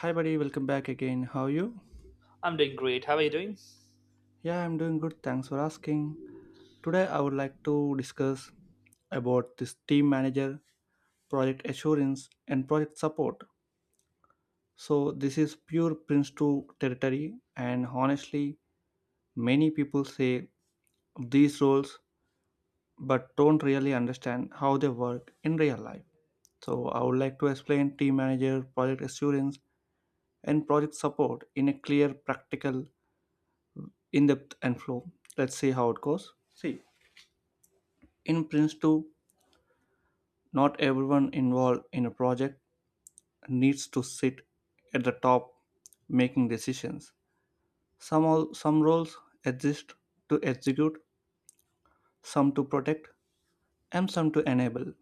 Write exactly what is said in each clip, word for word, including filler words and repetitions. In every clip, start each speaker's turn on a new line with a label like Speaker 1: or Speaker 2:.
Speaker 1: Hi, buddy, welcome back again. How are you?
Speaker 2: I'm doing great. How are you doing?
Speaker 1: Yeah, I'm doing good. Thanks for asking. Today, I would like to discuss about this team manager, project assurance, and project support. So, this is pure Prince two territory, and honestly, many people say these roles but don't really understand how they work in real life. So, I would like to explain team manager, project assurance, and project support in a clear, practical, in depth and flow. Let's see how it goes. See, in Prince two, not everyone involved in a project needs to sit at the top making decisions. Some, all, some roles exist to execute, some to protect, and some to enable.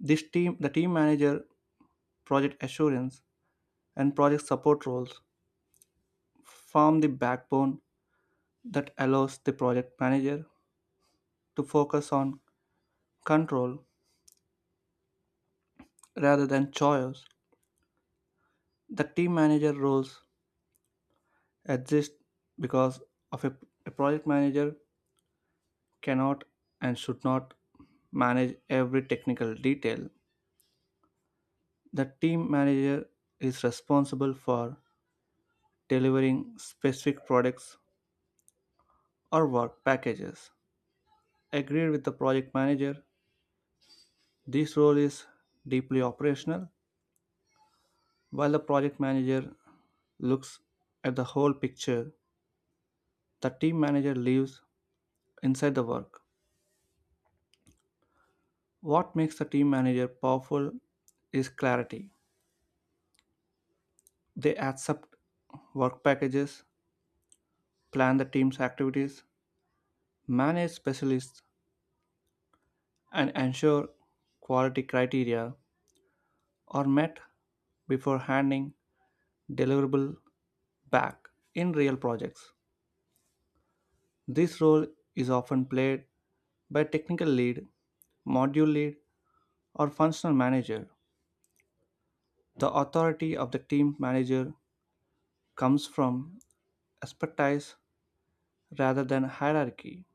Speaker 1: This team, the team manager, project assurance, and project support roles form the backbone that allows the project manager to focus on control rather than choice. The team manager roles exist because of a, a project manager cannot and should not manage every technical detail. The team manager is responsible for delivering specific products or work packages. Agreed with the project manager, this role is deeply operational, while the project manager looks at the whole picture. The team manager lives inside the work. What makes the team manager powerful is clarity. They accept work packages, plan the team's activities, manage specialists, and ensure quality criteria are met before handing deliverable back in real projects. This role is often played by technical lead, module lead, or functional manager. The authority of the team manager comes from expertise rather than hierarchy.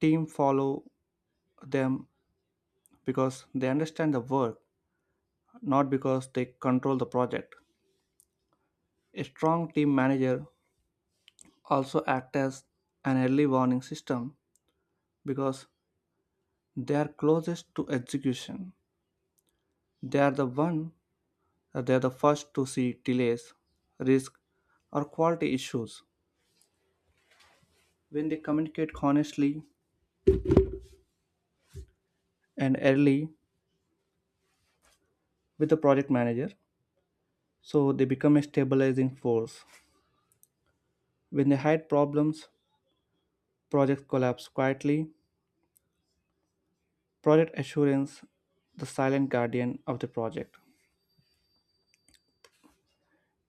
Speaker 1: Team follow them because they understand the work, not because they control the project. A strong team manager also acts as an early warning system because they are closest to execution. They are the one uh, they are the first to see delays, risk, or quality issues when they communicate honestly and early with the project manager. So they become a stabilizing force. When they hide problems, projects collapse quietly. Project assurance, the silent guardian of the project.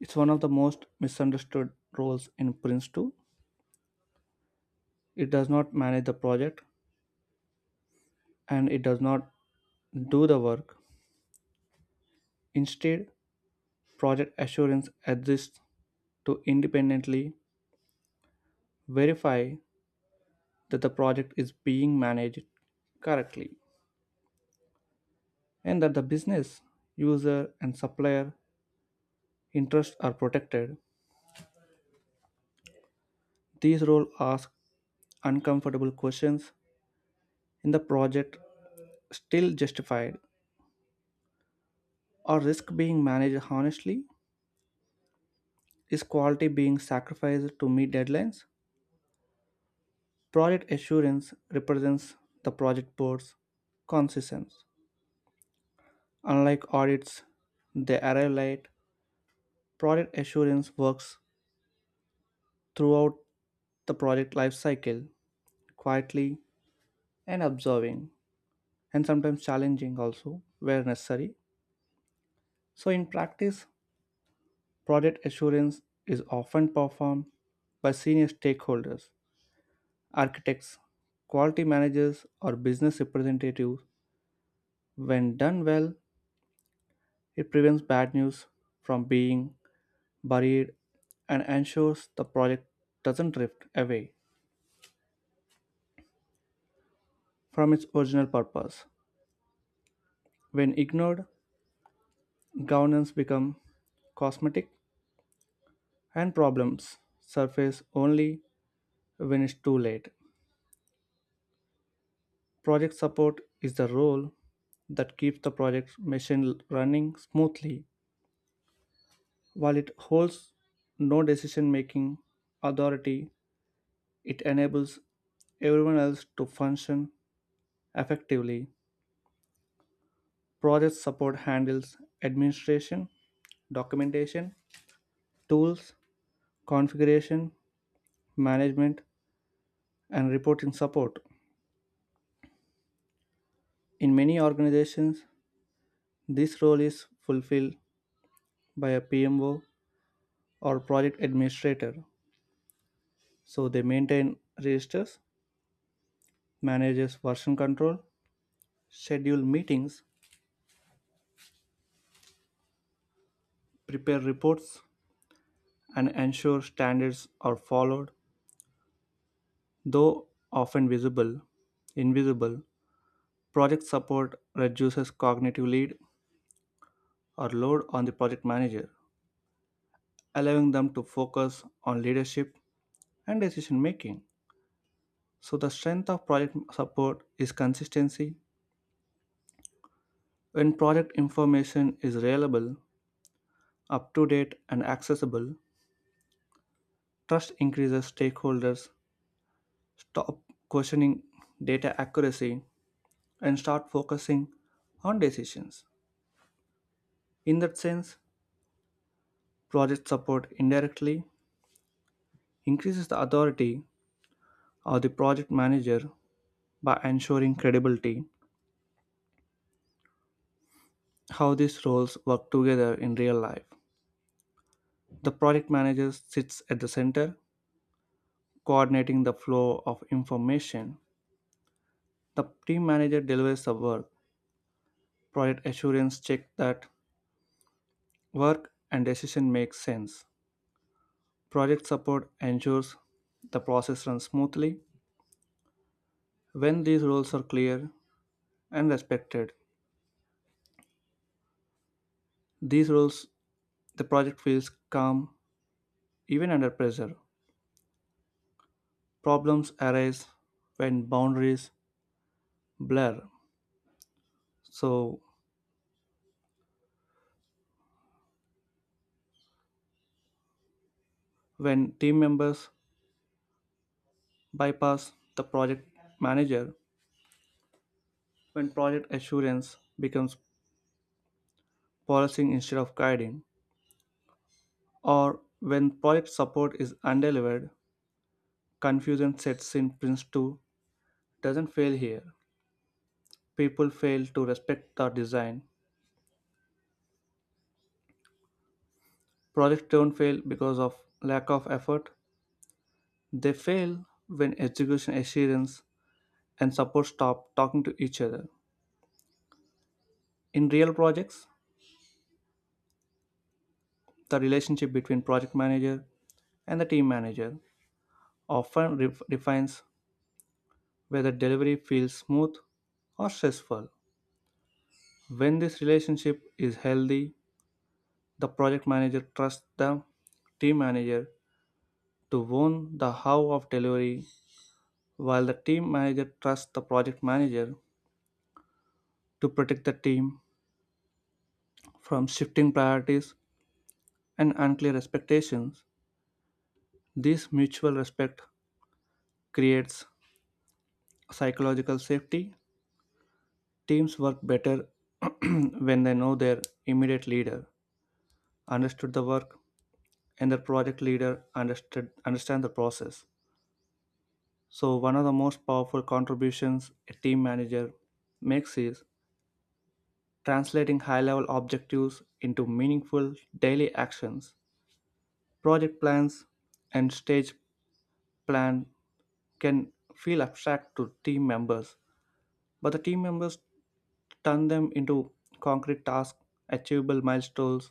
Speaker 1: It's one of the most misunderstood roles in Prince two. It does not manage the project and it does not do the work. Instead, project assurance exists to independently verify that the project is being managed correctly and that the business, user, and supplier interests are protected. These roles ask uncomfortable questions in the project still justified. Or risk being managed honestly? Is quality being sacrificed to meet deadlines? Project assurance represents the project board's consistence. Unlike audits, they arrive late. Project assurance works throughout the project life cycle, quietly and observing, and sometimes challenging also where necessary. So, in practice, project assurance is often performed by senior stakeholders architects, quality managers, or business representatives. When done well, it prevents bad news from being buried and ensures the project doesn't drift away from its original purpose. When ignored, governance becomes cosmetic and problems surface only when it's too late. Project support is the role that keeps the project machine running smoothly. While it holds no decision making authority, it enables everyone else to function effectively. Project support handles administration, documentation, tools, configuration, management, and reporting support. In many organizations, this role is fulfilled by a P M O or project administrator. So they maintain registers, manages version control, schedule meetings, prepare reports, and ensure standards are followed, though often visible, invisible. Project support reduces cognitive lead or load on the project manager, allowing them to focus on leadership and decision making. So, the strength of project support is consistency. When project information is reliable, up to date, and accessible, trust increases stakeholders, stop questioning data accuracy, and start focusing on decisions. In that sense, project support indirectly increases the authority of the project manager by ensuring credibility, how these roles work together in real life. The project manager sits at the center, coordinating the flow of information. The team manager delivers the work. Project assurance checks that work and decision makes sense. Project support ensures the process runs smoothly. When these roles are clear and respected, these roles the project feels calm even under pressure. Problems arise when boundaries blur. So, when team members bypass the project manager, when project assurance becomes policing instead of guiding, or when project support is undelivered, confusion sets in. Prince two doesn't fail here. People fail to respect the design. Projects don't fail because of lack of effort. They fail when execution assurance and support staff talking to each other. In real projects, the relationship between project manager and the team manager often re- defines whether delivery feels smooth or stressful. When this relationship is healthy, the project manager trusts the team manager to own the how of delivery, while the team manager trusts the project manager to protect the team from shifting priorities and unclear expectations. This mutual respect creates psychological safety, teams work better when they know their immediate leader understood the work and their project leader understood understand the process. So one of the most powerful contributions a team manager makes is translating high-level objectives into meaningful daily actions. Project plans and stage plan can feel abstract to team members, but the team members turn them into concrete tasks, achievable milestones,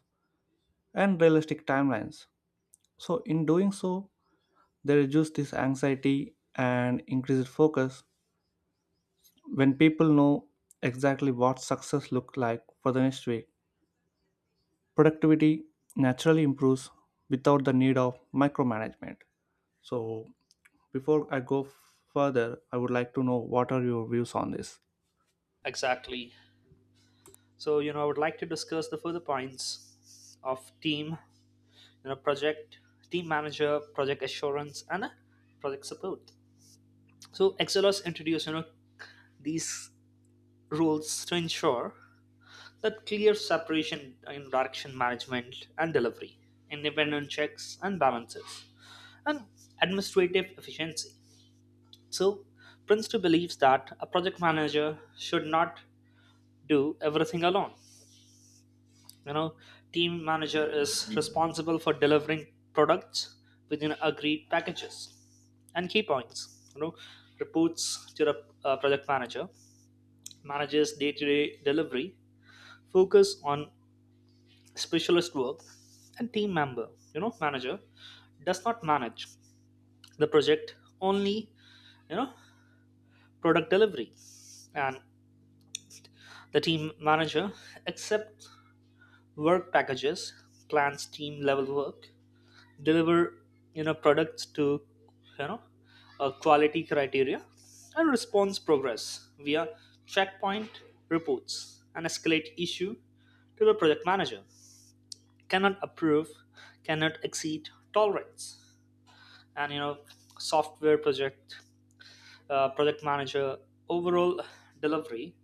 Speaker 1: and realistic timelines. So, in doing so, they reduce this anxiety and increase focus when people know exactly what success looks like for the next week. Productivity naturally improves without the need of micromanagement. So, before I go further, I would like to know what are your views on this?
Speaker 2: Exactly. So, you know, I would like to discuss the further points of team, you know, project, team manager, project assurance, and uh, project support. So, Excelos introduced, you know, these rules to ensure that clear separation in direction management and delivery, independent checks and balances, and administrative efficiency. So, prince two believes that a project manager should not do everything alone, you know, team manager is responsible for delivering products within agreed packages and key points, you know, reports to the uh, project manager, manages day-to-day delivery, focus on specialist work and team member, you know, manager does not manage the project only, you know, product delivery. And the team manager accepts work packages, plans team level work, deliver, you know, products to, you know, uh, quality criteria and response progress via checkpoint reports and escalate issue to the project manager, cannot approve, cannot exceed tolerance. And you know, software project, uh, project manager overall delivery,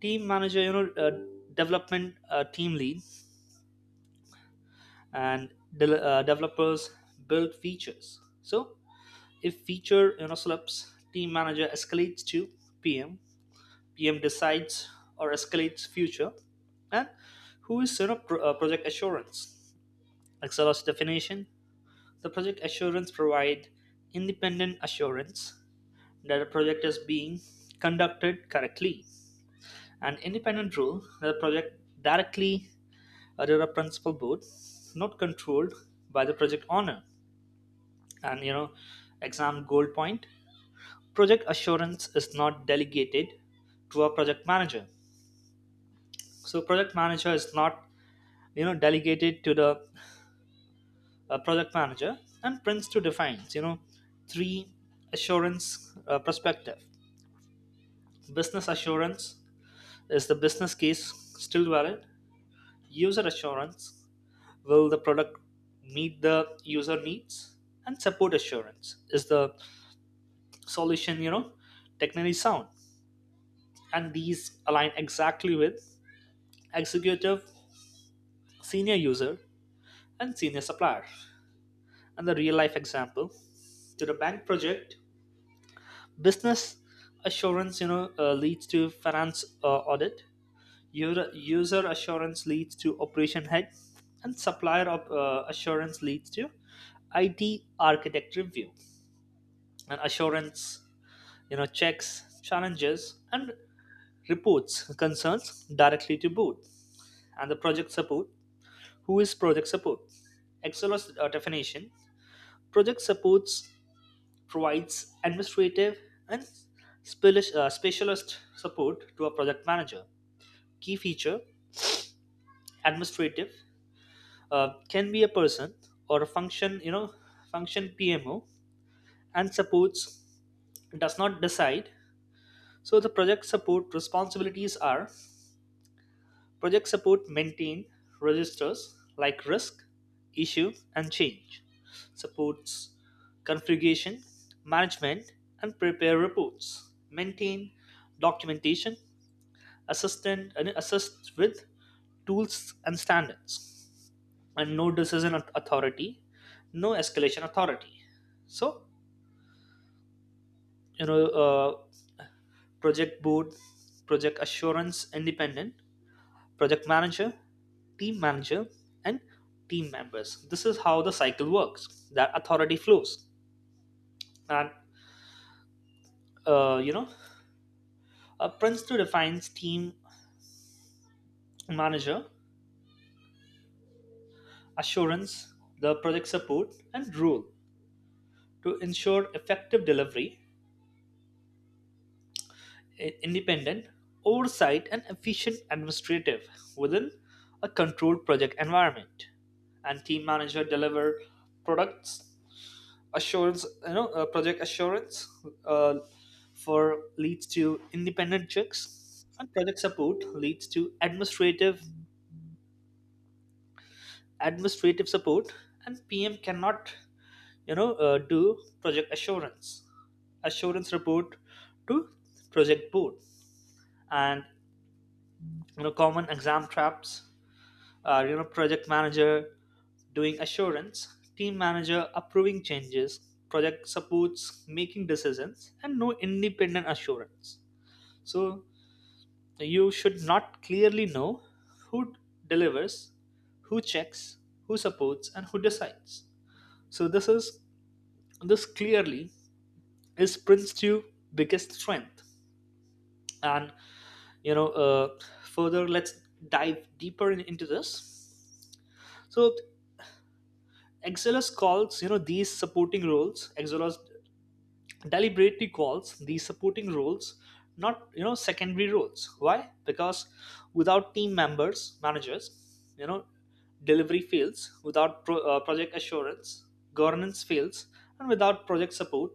Speaker 2: team manager, you know, uh, development uh, team lead and de- uh, developers build features. So if feature, you know, slips, team manager escalates to P M, P M decides or escalates future. And who is, you know, pro- uh, project assurance? Excel's definition: the project assurance provide independent assurance that a project is being conducted correctly. An independent rule that the project directly under a principal board, not controlled by the project owner. And you know, exam goal point, project assurance is not delegated to a project manager, so project manager is not, you know, delegated to the uh, project manager. And Prince Two defines, you know, three assurance uh, perspective: business assurance, is the business case still valid; user assurance, will the product meet the user needs; and support assurance, is the solution, you know, technically sound. And these align exactly with executive, senior user, and senior supplier. And the real life example to the bank project, business assurance, you know, uh, leads to finance uh, audit. User, user assurance leads to operation head, and supplier of, uh, assurance leads to I T architect review. And assurance, you know, checks challenges and reports concerns directly to board. And the project support. Who is project support? Excelos uh, definition, project supports provides administrative and speli- uh, specialist support to a project manager. Key feature, administrative, uh, can be a person or a function, you know, function P M O, and supports does not decide. So the project support responsibilities are, projects support maintain registers like risk, issue, and change, supports configuration, management, and prepare reports, maintain documentation, assist, and and assist with tools and standards, and no decision au- authority, no escalation authority. So, you know, uh, project board, project assurance independent, project manager, team manager, and team members. This is how the cycle works. That authority flows. And uh, you know, uh, prince two defines team manager, assurance, the project support, and role to ensure effective delivery, i- independent oversight, and efficient administrative within a controlled project environment. And team manager deliver products, assurance, you know, uh, project assurance uh, for leads to independent checks, and project support leads to administrative administrative support, and PM cannot, you know, uh, do project assurance, assurance report to project board. And you know, common exam traps, uh, you know, project manager doing assurance, team manager approving changes, project supports making decisions, and no independent assurance. So you should not clearly know who delivers, who checks, who supports, and who decides. So this is, this clearly is Prince two biggest strength. And you know, uh, further, let's dive deeper in, into this. So Exelos calls, you know, these supporting roles, Exelos deliberately calls these supporting roles, not, you know, secondary roles. Why? Because without team members, managers, you know, delivery fails; without pro- uh, project assurance, governance fails; and without project support,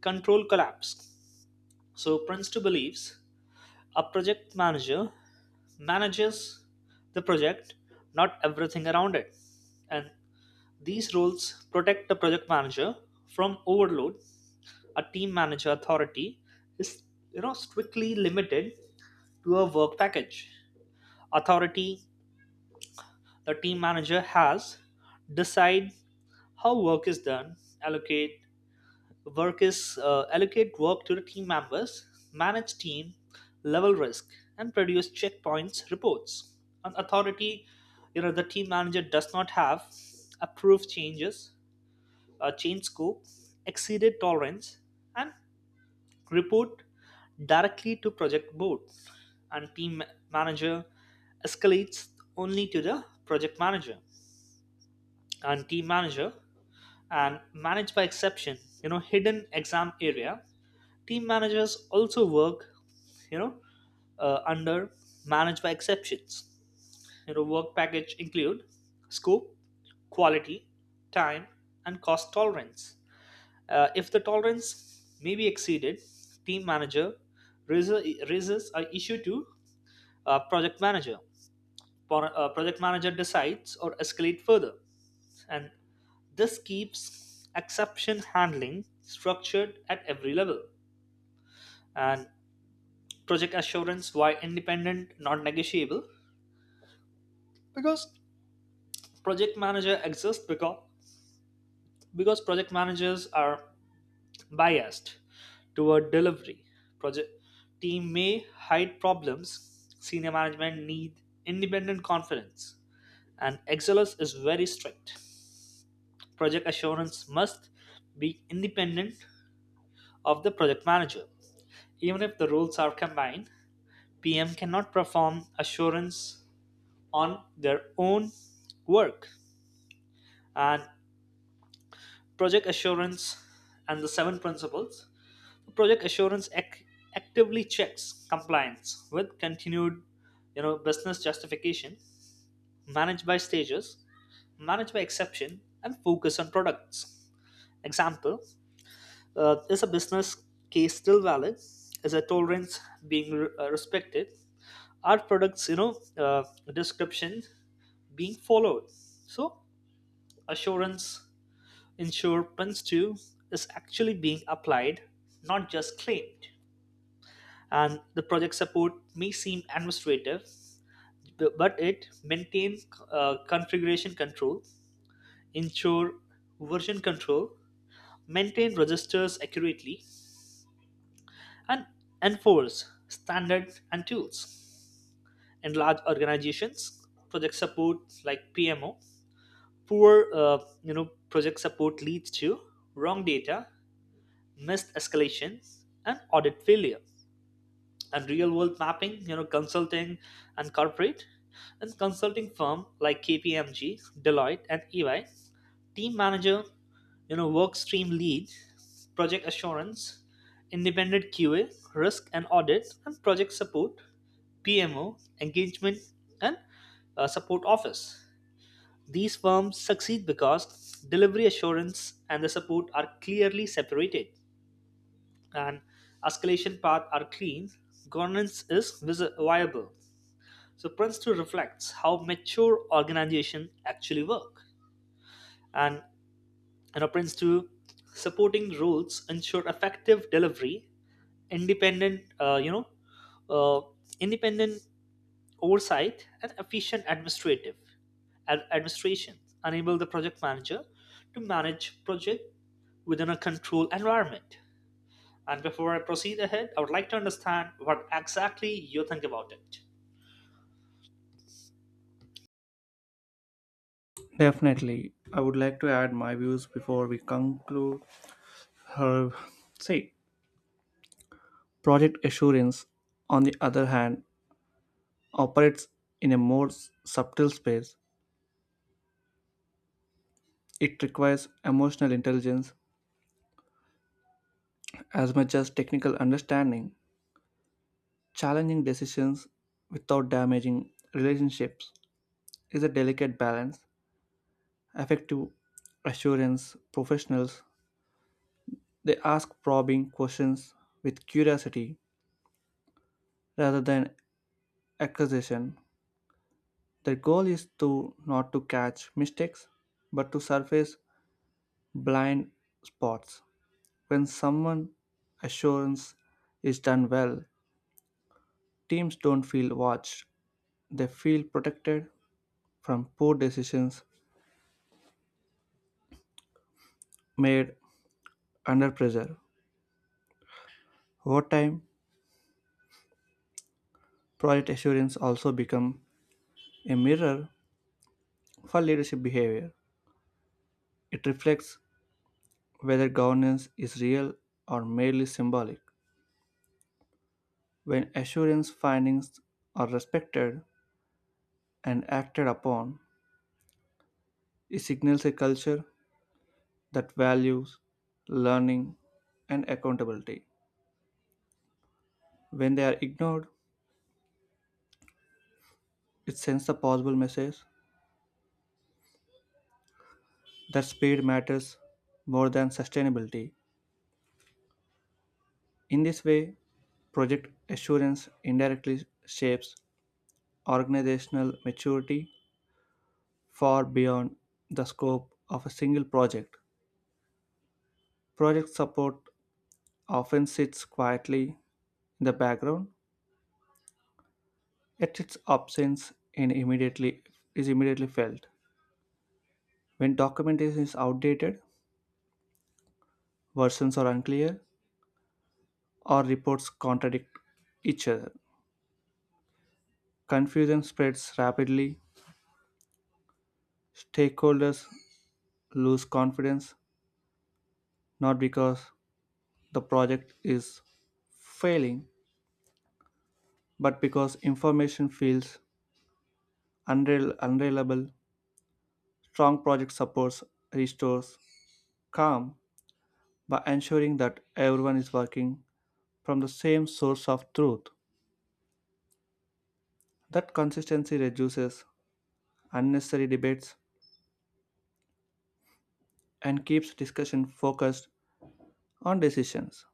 Speaker 2: control collapse. So Princeton believes a project manager manages the project, not everything around it. And these roles protect the project manager from overload. A team manager authority is, you know, strictly limited to a work package. Authority the team manager has: decide how work is done, allocate work is uh, allocate work to the team members, manage team, level risk, and produce checkpoints reports. An authority, you know, the team manager does not have: approve changes, uh, change scope, exceeded tolerance, and report directly to project board. And team manager escalates only to the project manager, and team manager and manage by exception. You know, hidden exam area, team managers also work, you know, uh, under manage by exceptions. You know, work package include scope, quality, time, and cost tolerance. Uh, if the tolerance may be exceeded, team manager raises, raises an issue to uh, project manager. Pro- uh, project manager decides or escalate further, and this keeps exception handling structured at every level. And project assurance why independent, non-negotiable, because project manager exists because because project managers are biased toward delivery. Project team may hide problems. Senior management need independent confidence, and Excellus is very strict. Project assurance must be independent of the project manager. Even if the roles are combined, P M cannot perform assurance on their own work. And project assurance and the seven principles, project assurance ac- actively checks compliance with continued, you know, business justification, managed by stages, managed by exception, and focus on products. Example, uh, is a business case still valid, is a tolerance being re- uh, respected, are products, you know, uh, description being followed. So assurance ensure Prince is actually being applied, not just claimed. And the project support may seem administrative, b- but it maintains uh, configuration control, ensure version control, maintain registers accurately, and enforce standards and tools. In large organizations, project support like P M O, poor, uh, you know, project support leads to wrong data, missed escalations, and audit failure. And real world mapping, you know, consulting and corporate. And consulting firm like K P M G, Deloitte, and E Y, team manager, you know, work stream lead, project assurance, independent Q A, risk and audit, and project support, P M O, engagement, and uh, support office. These firms succeed because delivery assurance and the support are clearly separated, and escalation path are clean, governance is visi- viable. So Prince two reflects how mature organizations actually work. And you know, Prince two supporting rules ensure effective delivery, independent, uh, you know, uh, independent oversight, and efficient administrative, ad- administration, enable the project manager to manage project within a controlled environment. And before I proceed ahead, I would like to understand what exactly you think about it.
Speaker 1: Definitely. I would like to add my views before we conclude her. Say, project assurance, on the other hand, operates in a more s- subtle space. It requires emotional intelligence as much as technical understanding. Challenging decisions without damaging relationships is a delicate balance. Effective assurance professionals they ask probing questions with curiosity rather than accusation. Their goal is to not to catch mistakes, but to surface blind spots. When someone assurance is done well, teams don't feel watched. They feel protected from poor decisions made under pressure. Over time, project assurance also becomes a mirror for leadership behavior. It reflects whether governance is real or merely symbolic. When assurance findings are respected, and acted upon, it signals a culture that values learning and accountability. When they are ignored, it sends the possible message that speed matters more than sustainability. In this way, project assurance indirectly shapes organizational maturity far beyond the scope of a single project. Project support often sits quietly in the background. Yet its absence in immediately is immediately felt. When documentation is outdated, versions are unclear, or reports contradict each other. Confusion spreads rapidly. Stakeholders lose confidence not because the project is failing, but because information feels unreliable. unreliable. Strong project supports restores calm by ensuring that everyone is working from the same source of truth. That consistency reduces unnecessary debates and keeps discussion focused on decisions,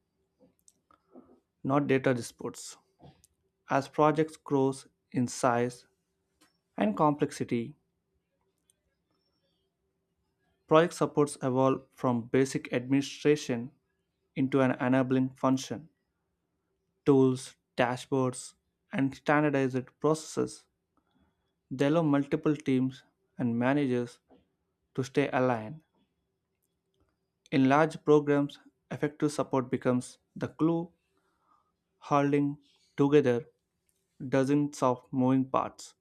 Speaker 1: not data disputes. As projects grow in size and complexity, project supports evolve from basic administration into an enabling function. Tools, dashboards, and standardized processes they allow multiple teams and managers to stay aligned. In large programs, effective support becomes the glue holding together dozens of moving parts.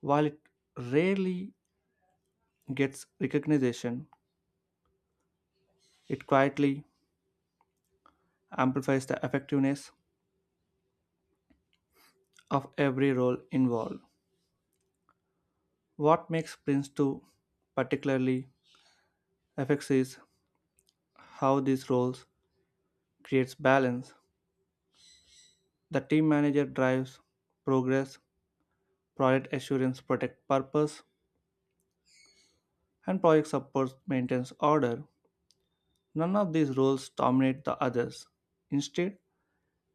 Speaker 1: While it rarely gets recognition, it quietly amplifies the effectiveness of every role involved. What makes Prince two particularly effective is how these roles creates balance. The team manager drives progress, project assurance protect purpose, and project support maintains order. None of these roles dominate the others. Instead,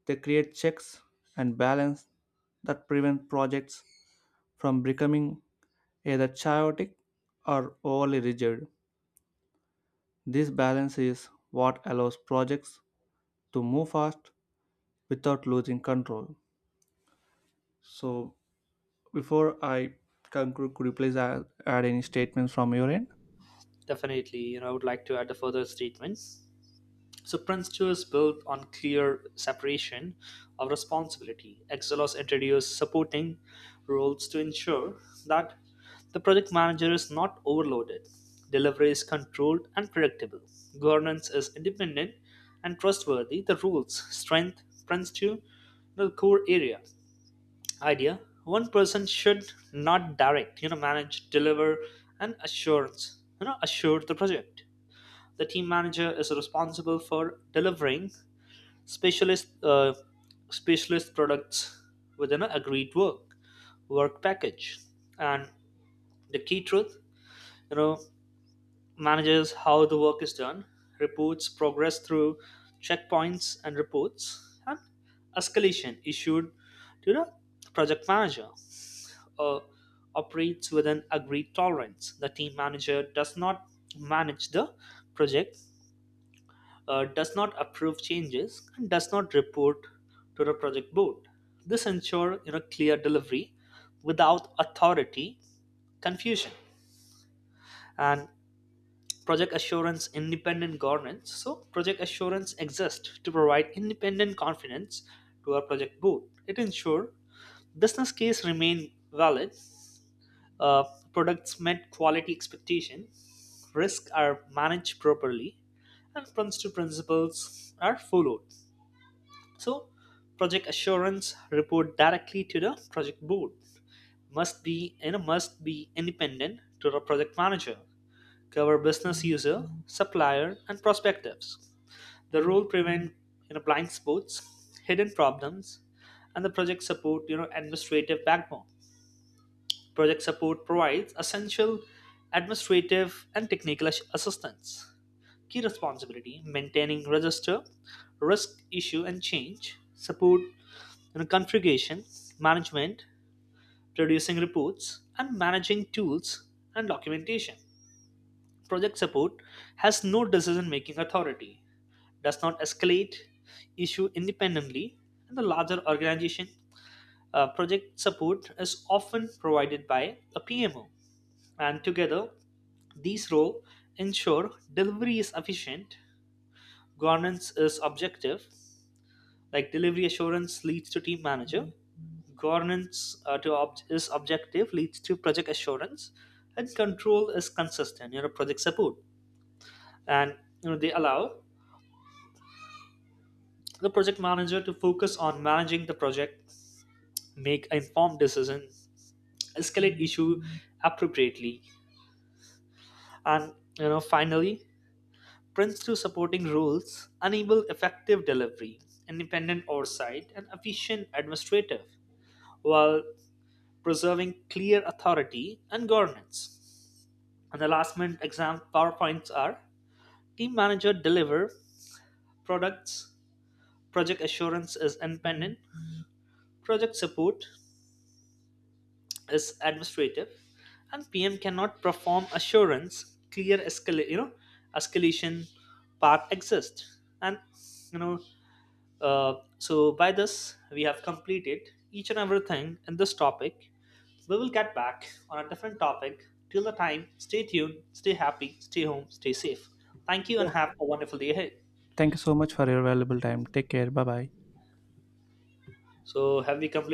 Speaker 1: they create checks and balance that prevent projects from becoming either chaotic or overly rigid. This balance is what allows projects to move fast without losing control. So, before I conclude, could you please add, add any statements from your end?
Speaker 2: Definitely, you know, I would like to add the further statements. So Prince two is built on clear separation of responsibility. Exelos introduced supporting roles to ensure that the project manager is not overloaded, delivery is controlled and predictable, governance is independent and trustworthy. The rules strength Prince two the core area idea, one person should not direct, you know, manage, deliver, and assurance, you know, assure the project. The team manager is responsible for delivering specialist, uh, specialist products within an agreed work work package. And the key truth, you know, manages how the work is done, reports progress through checkpoints and reports, and escalation issued to the project manager, uh, operates with an agreed tolerance. The team manager does not manage the project, uh, does not approve changes, and does not report to the project board. This ensures, you know, clear delivery without authority confusion, and project assurance independent governance. So, project assurance exists to provide independent confidence to our project board. It ensures business case remain valid, uh, products met quality expectations, risks are managed properly, and principal principles are followed. So, project assurance report directly to the project board. Must be, you know, must be independent to the project manager. Cover business user, supplier, and prospectives. The role prevent, you know, blind spots, hidden problems, and the project support, you know, administrative backbone. Project support provides essential administrative and technical ass- assistance. Key responsibility, maintaining register, risk issue and change, support and configuration, management, producing reports, and managing tools and documentation. Project support has no decision making authority, does not escalate issue independently in the larger organization. Uh, project support is often provided by a P M O, and together these roles ensure delivery is efficient, governance is objective, like delivery assurance leads to team manager, governance uh, to ob- is objective leads to project assurance, and control is consistent, you know, project support. And you know, they allow the project manager to focus on managing the project, make informed decisions, escalate issue appropriately, and you know, finally, Prince to supporting roles enable effective delivery, independent oversight, and efficient administrative, while preserving clear authority and governance. And the last minute exam PowerPoints are team manager deliver products, project assurance is independent, project support is administrative, and P M cannot perform assurance, clear escalate, you know, escalation path exists. And you know, Uh, so by this, we have completed each and everything in this topic. We will get back on a different topic. Till the time, stay tuned, stay happy, stay home, stay safe. Thank you, and have a wonderful day ahead.
Speaker 1: Thank you so much for your valuable time. Take care. Bye bye.
Speaker 2: So have we completed?